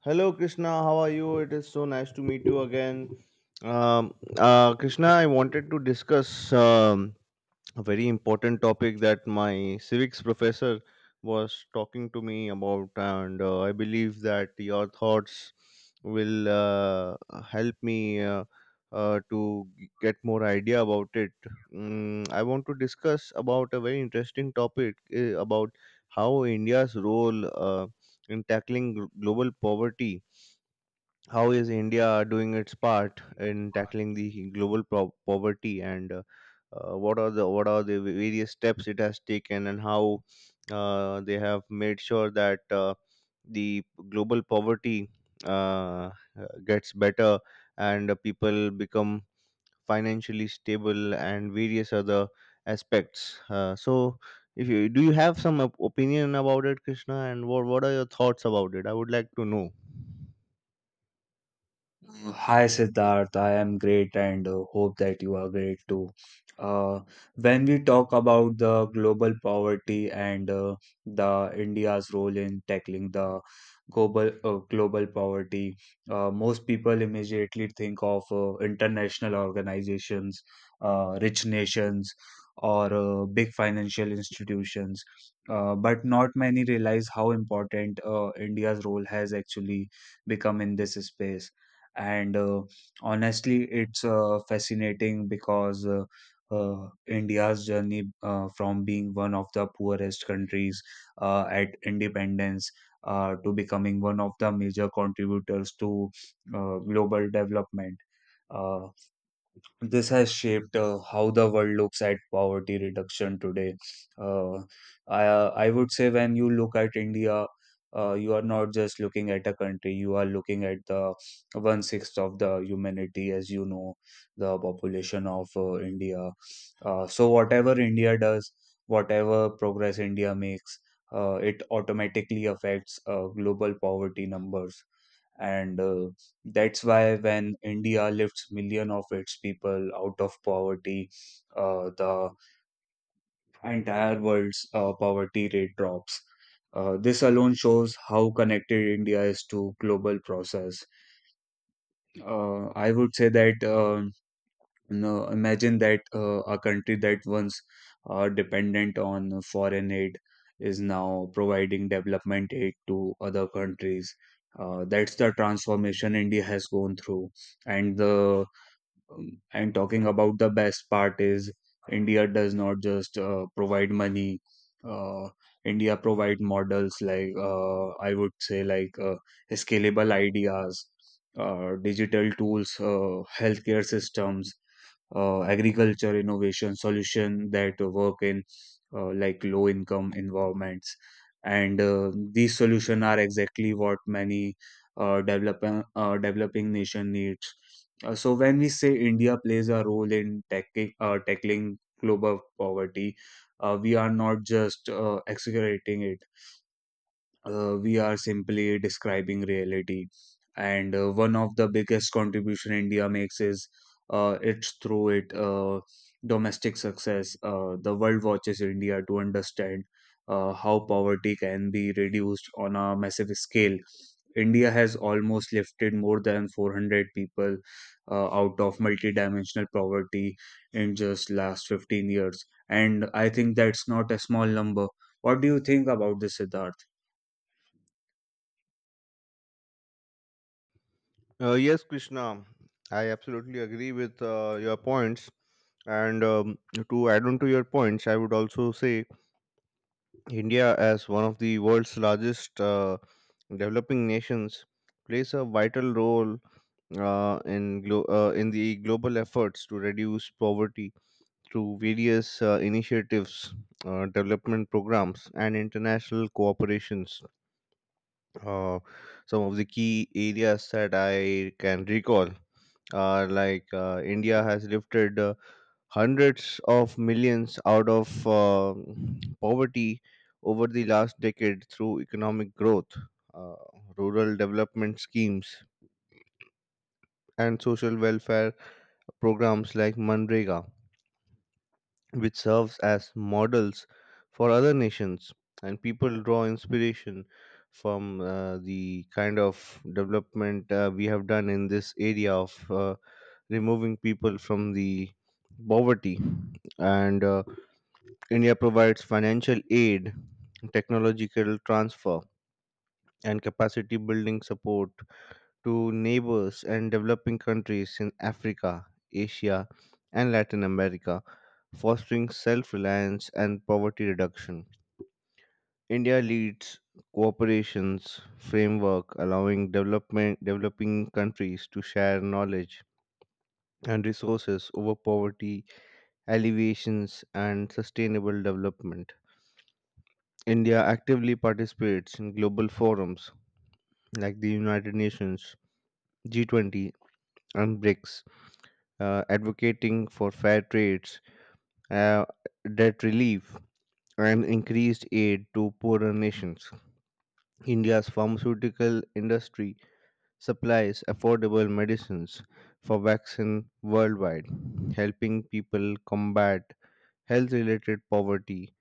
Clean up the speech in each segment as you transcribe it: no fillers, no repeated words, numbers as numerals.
Hello, Krishna. How are you? It is so nice to meet you again. Krishna, I wanted to discuss a very important topic that my civics professor was talking to me about, and I believe that your thoughts will help me to get more idea about it. I want to discuss about a very interesting topic about how India's role in tackling global poverty, how is India doing its part in tackling the global poverty, and what are the various steps it has taken, and how they have made sure that the global poverty uh, gets better, and people become financially stable and various other aspects, so if you have some opinion about it, Krishna, and what are your thoughts about it? I would like to know. Hi Siddharth, I am great and hope that you are great too. Uh, when we talk about the global poverty and the India's role in tackling the global global poverty, most people immediately think of international organizations, rich nations, or big financial institutions. But not many realize how important India's role has actually become in this space and honestly it's fascinating because India's journey from being one of the poorest countries at independence to becoming one of the major contributors to global development. Uh, this has shaped how the world looks at poverty reduction today. Uh, I would say when you look at India, you are not just looking at a country, you are looking at the one sixth of the humanity, as you know, the population of India. So, whatever India does, whatever progress India makes, it automatically affects global poverty numbers and that's why when India lifts million of its people out of poverty, the entire world's poverty rate drops. This alone shows how connected India is to global process. I would say that no, imagine that a country that once dependent on foreign aid is now providing development aid to other countries. That's the transformation India has gone through. And the and talking about the best part is India does not just provide money. Uh, India provide models like I would say like scalable ideas, digital tools, healthcare systems, agriculture innovation solution that work in like low income environments, and these solutions are exactly what many developing nation needs. So when we say India plays a role in tackling tackling global poverty, we are not just exaggerating it, we are simply describing reality, and one of the biggest contribution India makes is it's through it domestic success. The world watches India to understand how poverty can be reduced on a massive scale. India has almost lifted more than 400 people out of multidimensional poverty in just last 15 years, and I think that's not a small number. What do you think about this, Siddharth? Yes, Krishna, I absolutely agree with your points. And to add on to your points, I would also say India, as one of the world's largest developing nations, plays a vital role in the global efforts to reduce poverty through various initiatives, development programs, and international cooperations. Uh, some of the key areas that I can recall are like India has lifted hundreds of millions out of poverty over the last decade through economic growth, uh, rural development schemes, and social welfare programs like Manrega, which serves as models for other nations, and people draw inspiration from the kind of development we have done in this area of removing people from the poverty. And India provides financial aid, technological transfer, and capacity building support to neighbors and developing countries in Africa, Asia, and Latin America, fostering self reliance and poverty reduction. India leads cooperations framework allowing development developing countries to share knowledge and resources over poverty alleviations and sustainable development. India actively participates in global forums like the United Nations, G20, and BRICS, advocating for fair trades, uh, debt relief, and increased aid to poorer nations. India's pharmaceutical industry supplies affordable medicines for vaccine worldwide, helping people combat health-related poverty.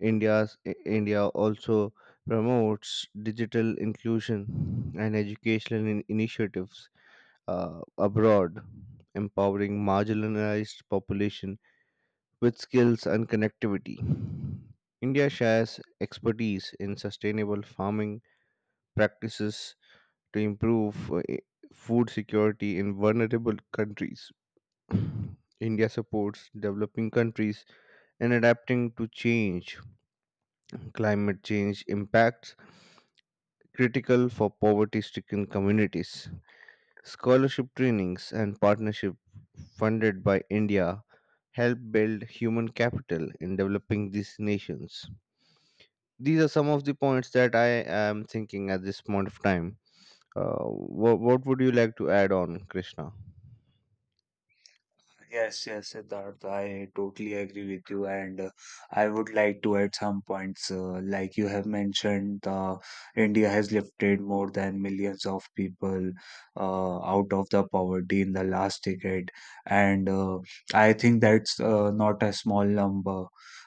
India also promotes digital inclusion and educational initiatives abroad, empowering marginalized population with skills and connectivity. India shares expertise in sustainable farming practices to improve food security in vulnerable countries. India supports developing countries in adapting to change. Climate change impacts critical for poverty stricken communities. Scholarship trainings and partnership funded by India help build human capital in developing these nations. These are some of the points that I am thinking at this point of time. What would you like to add on, Krishna? Yes, yes, Siddharth, I totally agree with you, and I would like to add some points. Like you have mentioned, India has lifted more than millions of people out of the poverty in the last decade, and I think that's not a small number.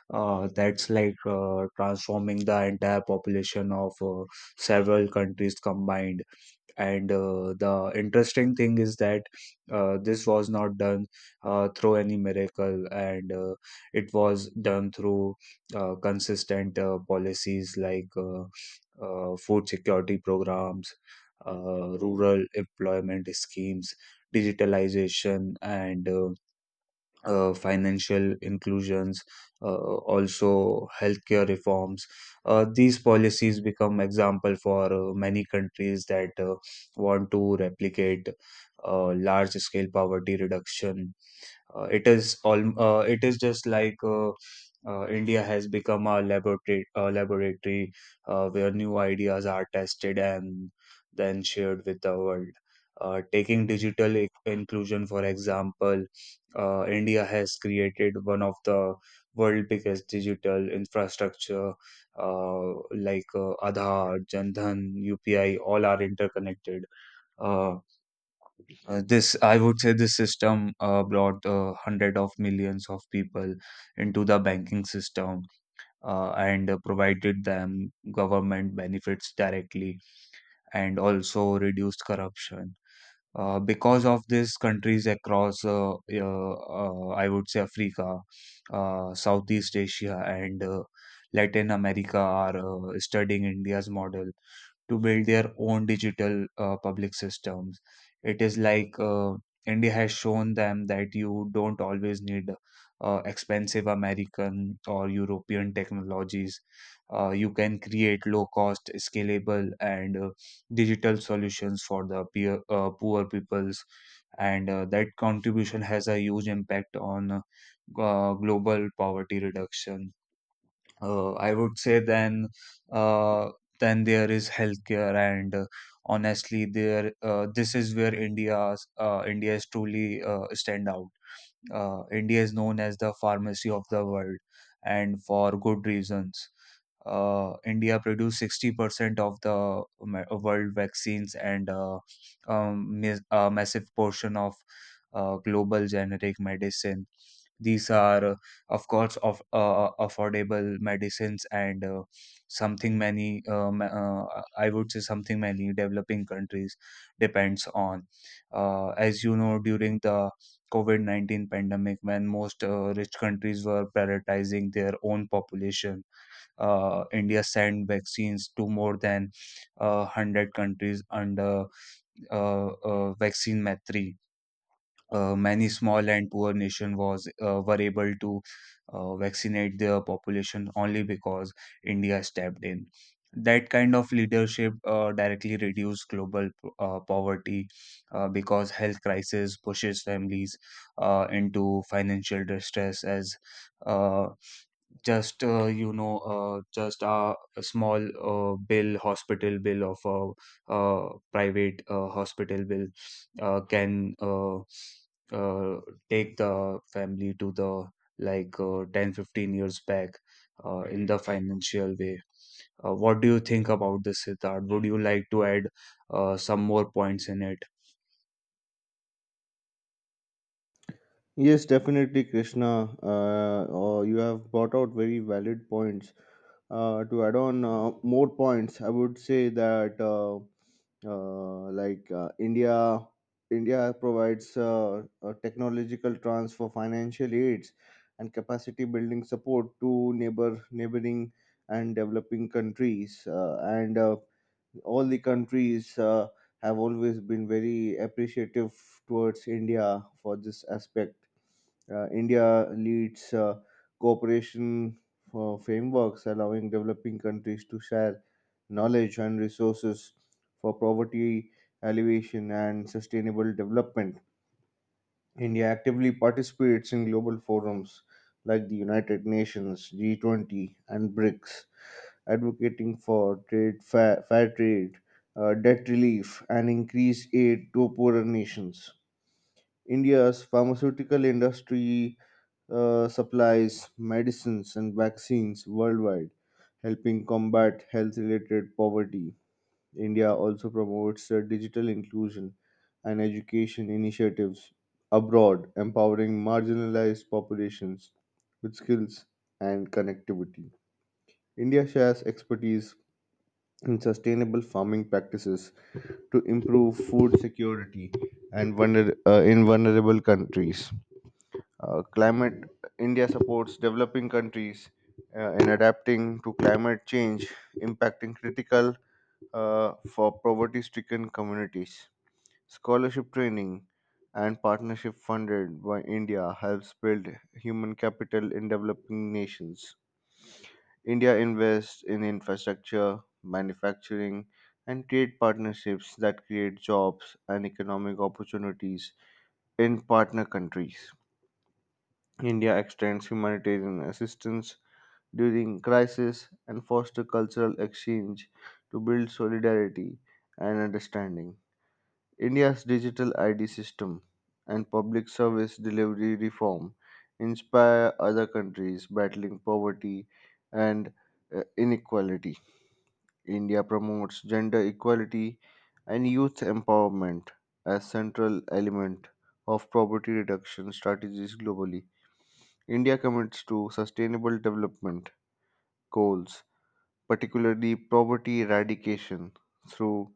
That's like transforming the entire population of several countries combined, and the interesting thing is that this was not done through any miracle, and it was done through consistent policies like food security programs, rural employment schemes, digitalization, and financial inclusions, also healthcare reforms. These policies become example for many countries that want to replicate large-scale poverty reduction. It is all. It is just like India has become a laboratory where new ideas are tested and then shared with the world. Taking digital inclusion, for example, India has created one of the world biggest digital infrastructure like Aadhaar, Jan Dhan, UPI, all are interconnected. Uh, this, I would say, this system brought hundred of millions of people into the banking system, and provided them government benefits directly, and also reduced corruption. Because of this, countries across, I would say, Africa, Southeast Asia, and Latin America are studying India's model to build their own digital public systems. It is like India has shown them that you don't always need expensive American or European technologies. You can create low cost, scalable, and digital solutions for the poor peoples. And that contribution has a huge impact on global poverty reduction. I would say then, uh, then there is healthcare, and honestly there this is where India is truly stand out. India is known as the pharmacy of the world and for good reasons. India produced 60% of the world vaccines, and a massive portion of global generic medicine. These are, of course, of affordable medicines, and something many, I would say, something many developing countries depends on. As you know, during the COVID 19 pandemic, when most rich countries were prioritizing their own population, India sent vaccines to more than 100 countries under vaccine Maitri. Many small and poor nation was were able to vaccinate their population only because India stepped in. That kind of leadership directly reduced global poverty because health crisis pushes families into financial distress as uh, just you know just a small bill hospital bill of a private hospital bill can uh, take the family to the like 10 15 years back in the financial way. What do you think about this, Siddharth? Would you like to add some more points in it? Yes, definitely, Krishna. Oh, you have brought out very valid points. To add on more points, I would say that uh, like uh, India, India provides technological transfer, financial aids, and capacity building support to neighboring, and developing countries. And all the countries have always been very appreciative towards India for this aspect. India leads cooperation for frameworks allowing developing countries to share knowledge and resources for poverty alleviation and sustainable development. India actively participates in global forums like the United Nations, G20, and BRICS, advocating for fair trade, debt relief, and increased aid to poorer nations. India's pharmaceutical industry supplies medicines and vaccines worldwide, helping combat health related poverty. India also promotes digital inclusion and education initiatives abroad, empowering marginalized populations with skills and connectivity. India shares expertise in sustainable farming practices to improve food security in vulnerable countries. Climate India supports developing countries in adapting to climate change, impacting critical for poverty-stricken communities. Scholarship training and partnership funded by India helps build human capital in developing nations. India invests in infrastructure, manufacturing, and trade partnerships that create jobs and economic opportunities in partner countries. India extends humanitarian assistance during crisis and foster cultural exchange to build solidarity and understanding. India's digital ID system and public service delivery reform inspire other countries battling poverty and inequality. India promotes gender equality and youth empowerment as central element of poverty reduction strategies globally. India commits to sustainable development goals, particularly poverty eradication through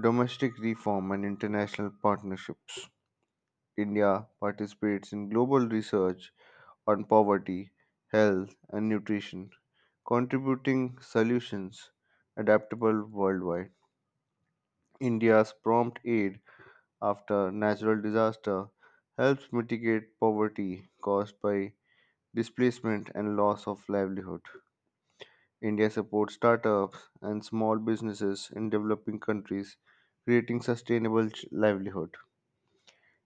domestic reform and international partnerships. India participates in global research on poverty, health, and nutrition, contributing solutions adaptable worldwide. India's prompt aid after natural disaster helps mitigate poverty caused by displacement and loss of livelihood. India supports startups and small businesses in developing countries, creating sustainable livelihood.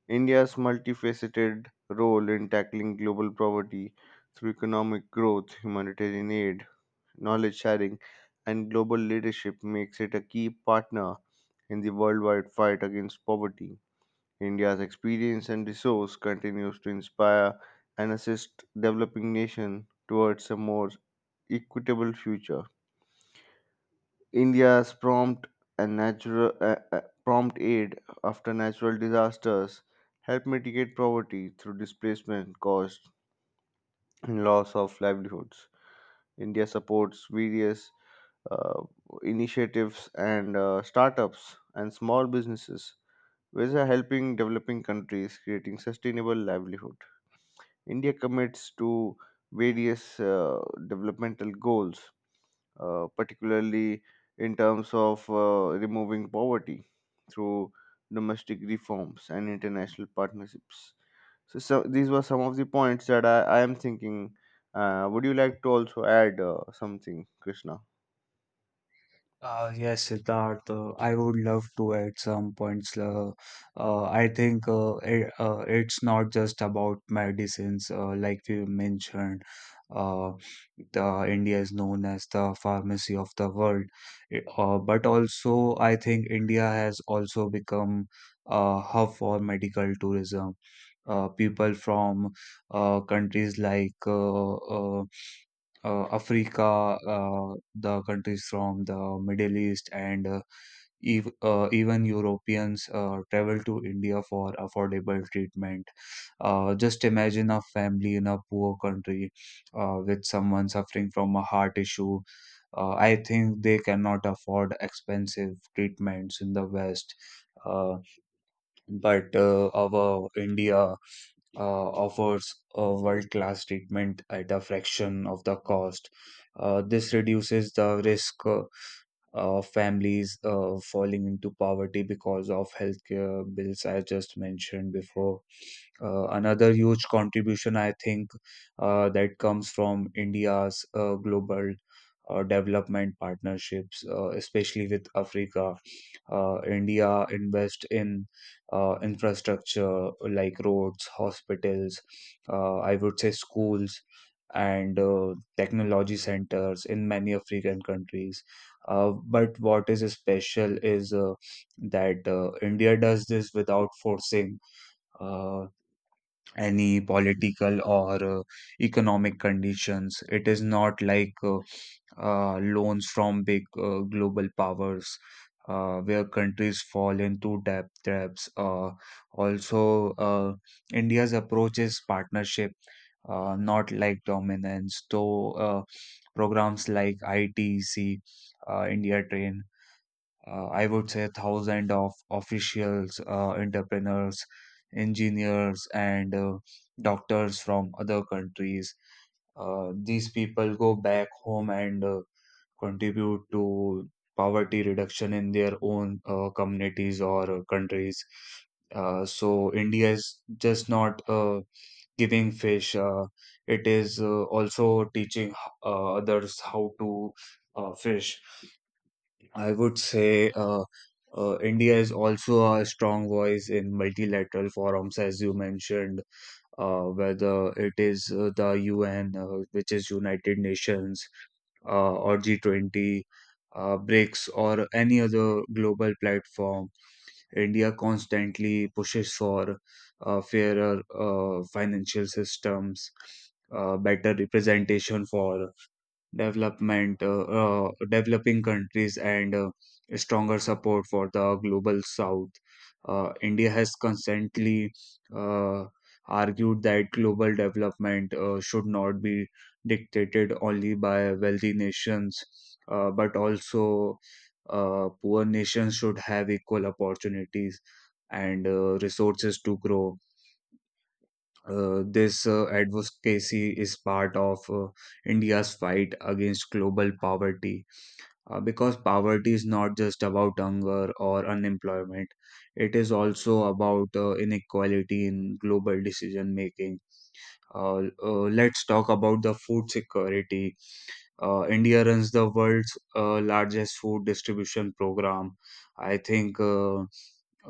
India's multifaceted role in tackling global poverty through economic growth, humanitarian aid, knowledge sharing, and global leadership makes it a key partner in the worldwide fight against poverty. India's experience and resource continues to inspire and assist developing nations towards a more equitable future. India's prompt aid after natural disasters help mitigate poverty through displacement caused and loss of livelihoods. India supports various uh, initiatives and startups and small businesses which are helping developing countries creating sustainable livelihood. India commits to various developmental goals, particularly in terms of removing poverty through domestic reforms and international partnerships. So, these were some of the points that I am thinking. Would you like to also add something, Krishna? Yes, Siddharth, I would love to add some points. I think it's not just about medicines, like you mentioned. Uh, the India is known as the pharmacy of the world, but also I think India has also become a hub for medical tourism. People from countries like Africa, the countries from the Middle East, and ev even Europeans travel to India for affordable treatment. Just imagine a family in a poor country with someone suffering from a heart issue. I think they cannot afford expensive treatments in the West. Uh, but our India offers a world-class treatment at a fraction of the cost. This reduces the risk of families falling into poverty because of healthcare bills I just mentioned before. Another huge contribution, I think, that comes from India's global development partnerships, especially with Africa. India invest in infrastructure like roads, hospitals, I would say schools, and technology centers in many African countries. But what is special is that India does this without forcing uh, any political or economic conditions. It is not like loans from big global powers, where countries fall into debt traps. Also, India's approach is partnership, not like dominance. Though programs like ITC, India Train, I would say thousand of officials, entrepreneurs, engineers, and doctors from other countries. These people go back home and contribute to poverty reduction in their own communities or countries. So India is just not giving fish; it is also teaching others how to fish. I would say India is also a strong voice in multilateral forums, as you mentioned, whether it is the UN, which is United Nations, or G20, BRICS, or any other global platform, India constantly pushes for fairer financial systems, better representation for developing countries, and stronger support for the global south. India has constantly uh, argued that global development should not be dictated only by wealthy nations, but also poor nations should have equal opportunities and resources to grow. This advocacy is part of India's fight against global poverty because poverty is not just about hunger or unemployment, it is also about inequality in global decision making. Let's talk about the food security. India runs the world's largest food distribution program. I think. Uh,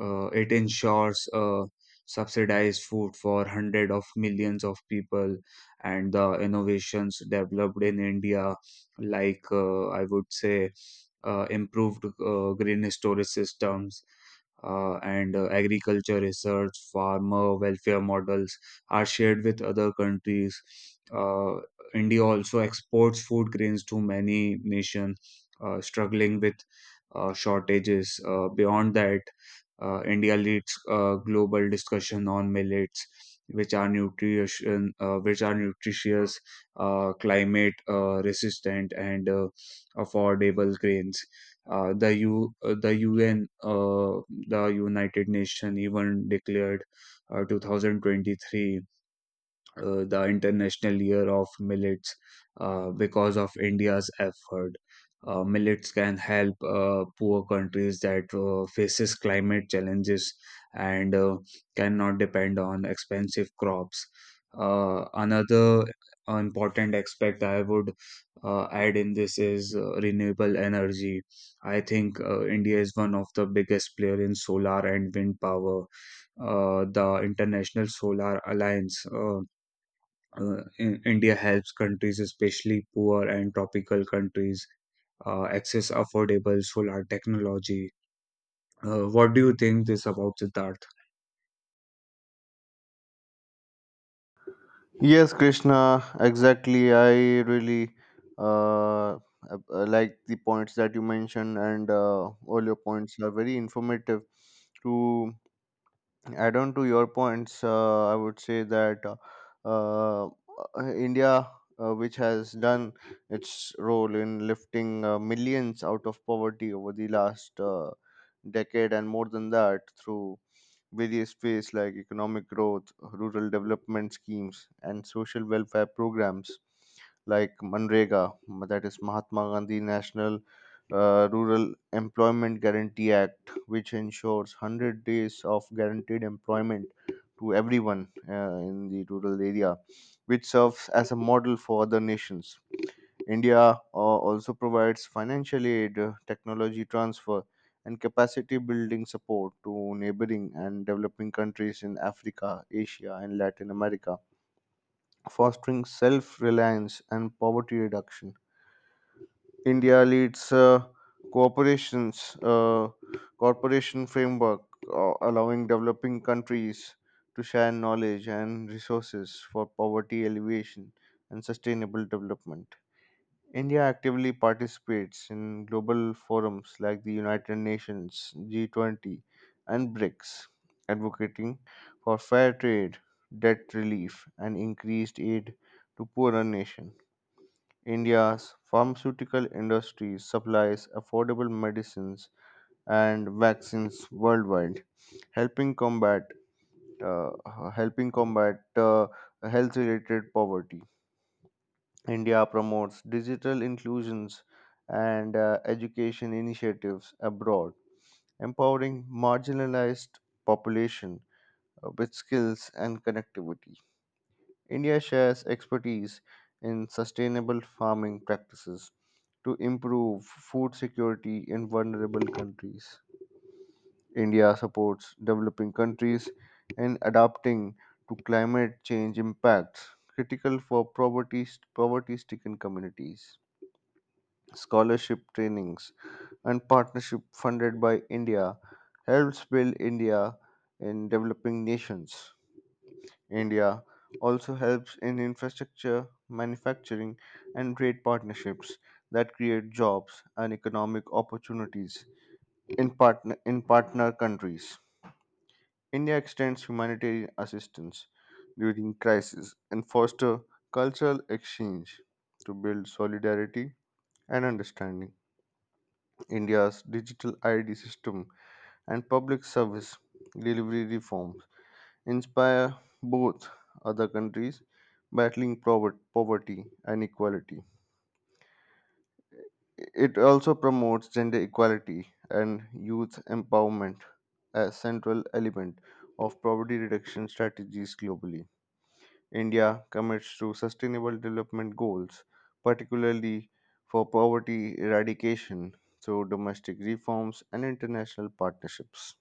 uh, It ensures subsidized food for hundreds of millions of people, and the innovations developed in India, like I would say, improved green storage systems and agriculture research, farmer welfare models are shared with other countries. Uh, India also exports food grains to many nations struggling with shortages. Beyond that, India leads global discussion on millets, which are nutritious, climate resistant, and affordable grains. The UN, the United Nations even declared 2023 the International Year of Millets because of India's effort. Millets can help poor countries that faces climate challenges and cannot depend on expensive crops. Another important aspect I would add in this is renewable energy. I think India is one of the biggest player in solar and wind power. The International Solar Alliance. India helps countries, especially poor and tropical countries, access affordable solar technology. What do you think this about Siddharth? Yes, Krishna, exactly. I really uh, like the points that you mentioned, and all your points are very informative. To add on to your points, I would say that uh, uh, India, which has done its role in lifting millions out of poverty over the last decade and more than that through various ways like economic growth, rural development schemes, and social welfare programs like Manrega, that is Mahatma Gandhi National Rural Employment Guarantee Act, which ensures 100 days of guaranteed employment to everyone in the rural area, which serves as a model for other nations. India also provides financial aid, technology transfer, and capacity building support to neighboring and developing countries in Africa, Asia, and Latin America, fostering self reliance and poverty reduction. India leads corporations uh, corporation framework, allowing developing countries to share knowledge and resources for poverty alleviation and sustainable development. India actively participates in global forums like the United Nations, G20, and BRICS, advocating for fair trade, debt relief, and increased aid to poorer nations. India's pharmaceutical industry supplies affordable medicines and vaccines worldwide, helping combat uh, helping combat health-related poverty. India promotes digital inclusions and education initiatives abroad, empowering marginalized population with skills and connectivity. India shares expertise in sustainable farming practices to improve food security in vulnerable countries. India supports developing countries in adapting to climate change impacts critical for poverty stricken communities. Scholarship trainings and partnership funded by India helps build India in developing nations. India also helps in infrastructure, manufacturing, and trade partnerships that create jobs and economic opportunities in partner countries. India extends humanitarian assistance during crisis and foster cultural exchange to build solidarity and understanding. India's digital ID system and public service delivery reforms inspire both other countries battling poverty and equality. It also promotes gender equality and youth empowerment as central element of poverty reduction strategies globally. India commits to sustainable development goals, particularly for poverty eradication through domestic reforms and international partnerships.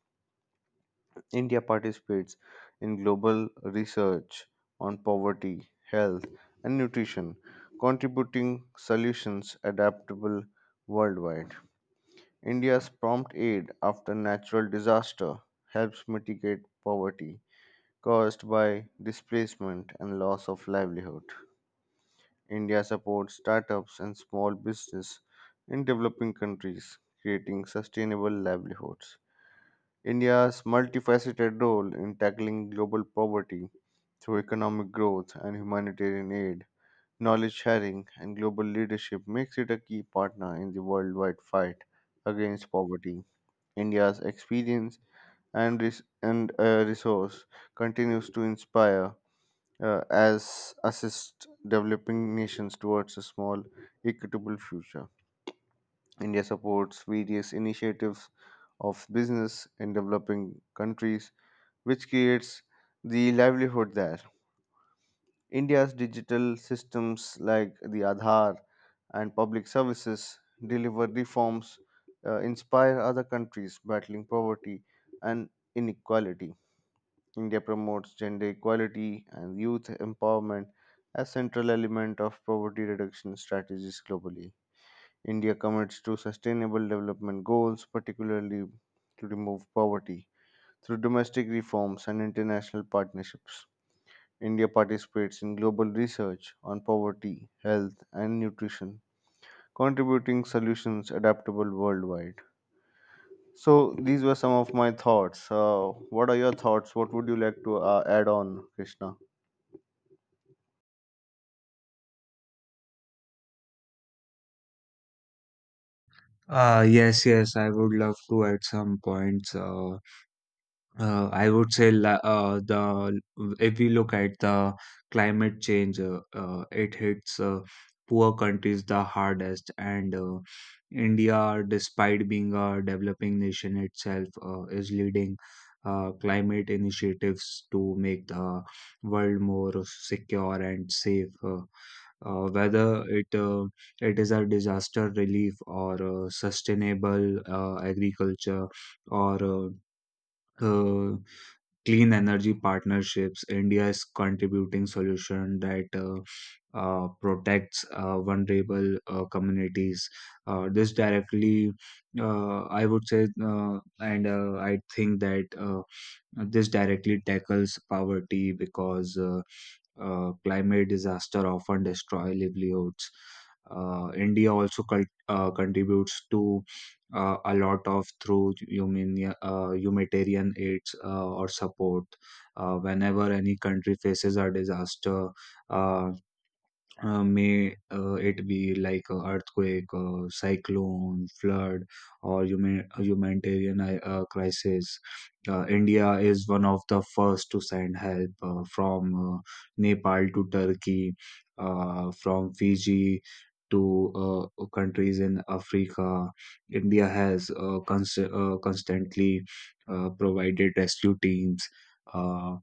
India participates in global research on poverty, health, and nutrition, contributing solutions adaptable worldwide. India's prompt aid after natural disaster helps mitigate poverty caused by displacement and loss of livelihood. India supports startups and small business in developing countries, creating sustainable livelihoods. India's multifaceted role in tackling global poverty through economic growth and humanitarian aid, knowledge sharing, and global leadership makes it a key partner in the worldwide fight against poverty. India's experience and, res- and resource continues to inspire as assist developing nations towards a small, equitable future. India supports various initiatives of business in developing countries, which creates the livelihood there. India's digital systems like the Aadhaar and public services deliver reforms, inspire other countries battling poverty and inequality. India promotes gender equality and youth empowerment as central element of poverty reduction strategies globally. India commits to sustainable development goals, particularly to remove poverty. Through domestic reforms and international partnerships, India participates in global research on poverty, health, and nutrition, contributing solutions adaptable worldwide. So, these were some of my thoughts. What are your thoughts? What would you like to add on, Krishna? Yes, yes, I would love to add some points. I would say the If we look at the climate change, it hits poor countries the hardest, and India, despite being a developing nation itself, is leading climate initiatives to make the world more secure and safe. Whether it it is a disaster relief or sustainable agriculture or uh, clean energy partnerships india is contributing solution that protects vulnerable communities this directly I would say uh, and I think that This directly tackles poverty because climate disaster often destroy livelihoods. India also contributes to a lot of through humanitarian aids or support. Whenever any country faces a disaster, uh, may it be like a earthquake, cyclone, flood, or humanitarian crisis. India is one of the first to send help from Nepal to Turkey, from Fiji to countries in Africa. India has constantly provided rescue teams. Uh,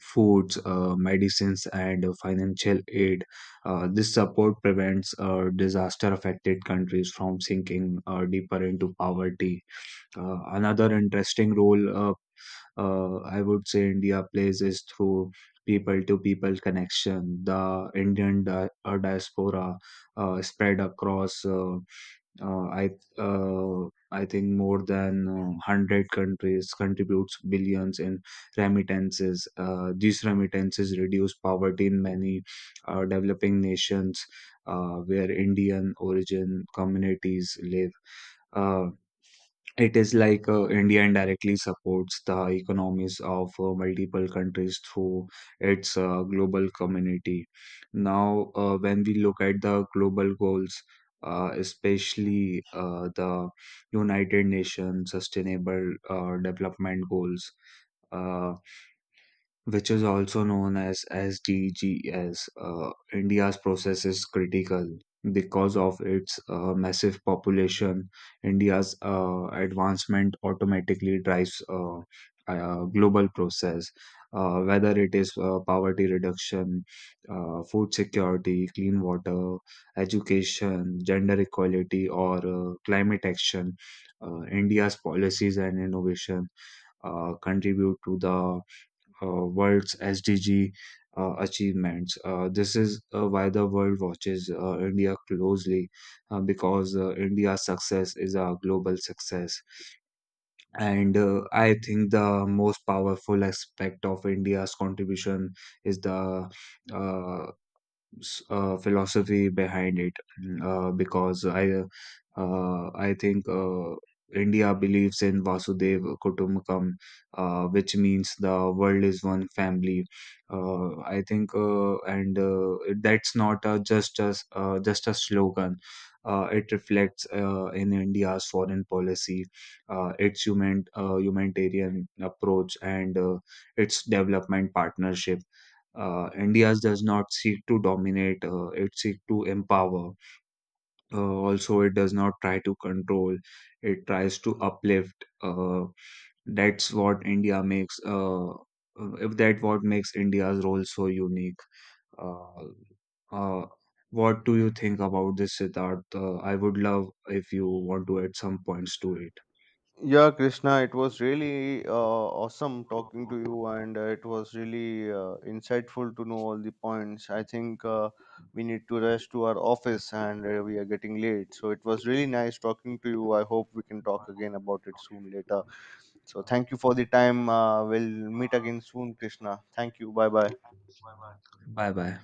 Foods, medicines, and financial aid. This support prevents disaster affected countries from sinking deeper into poverty. Another interesting role I would say India plays is through people to people connection. The Indian diaspora spread across. Uh, I uh, I think more than 100 countries contributes billions in remittances. These remittances reduce poverty in many developing nations where Indian origin communities live. Uh, it is like India indirectly supports the economies of multiple countries through its global community. Now, when we look at the global goals, especially the United Nations Sustainable Development Goals, uh, which is also known as SDGs, India's process is critical because of its massive population. India's advancement automatically drives a global process, whether it is poverty reduction, food security, clean water, education, gender equality, or climate action. India's policies and innovation contribute to the world's SDG achievements. This is why the world watches India closely because India's success is a global success. And I think the most powerful aspect of India's contribution is the uh, philosophy behind it because I think India believes in Vasudeva Kutumbakam, which means the world is one family. I think, and that's not a, just a, just a slogan. It reflects in India's foreign policy, its humanitarian approach, and its development partnership India does not seek to dominate, it seeks to empower. Also, it does not try to control, it tries to uplift. Uh, that's what India makes, if that what makes India's role so unique. Uh, uh, what do you think about this, Siddharth? I would love if you want to add some points to it. Yeah, Krishna, it was really awesome talking to you, and it was really insightful to know all the points. I think we need to rush to our office, and we are getting late. So it was really nice talking to you. I hope we can talk again about it soon later. So thank you for the time. We'll meet again soon, Krishna. Thank you. Bye bye. Bye bye.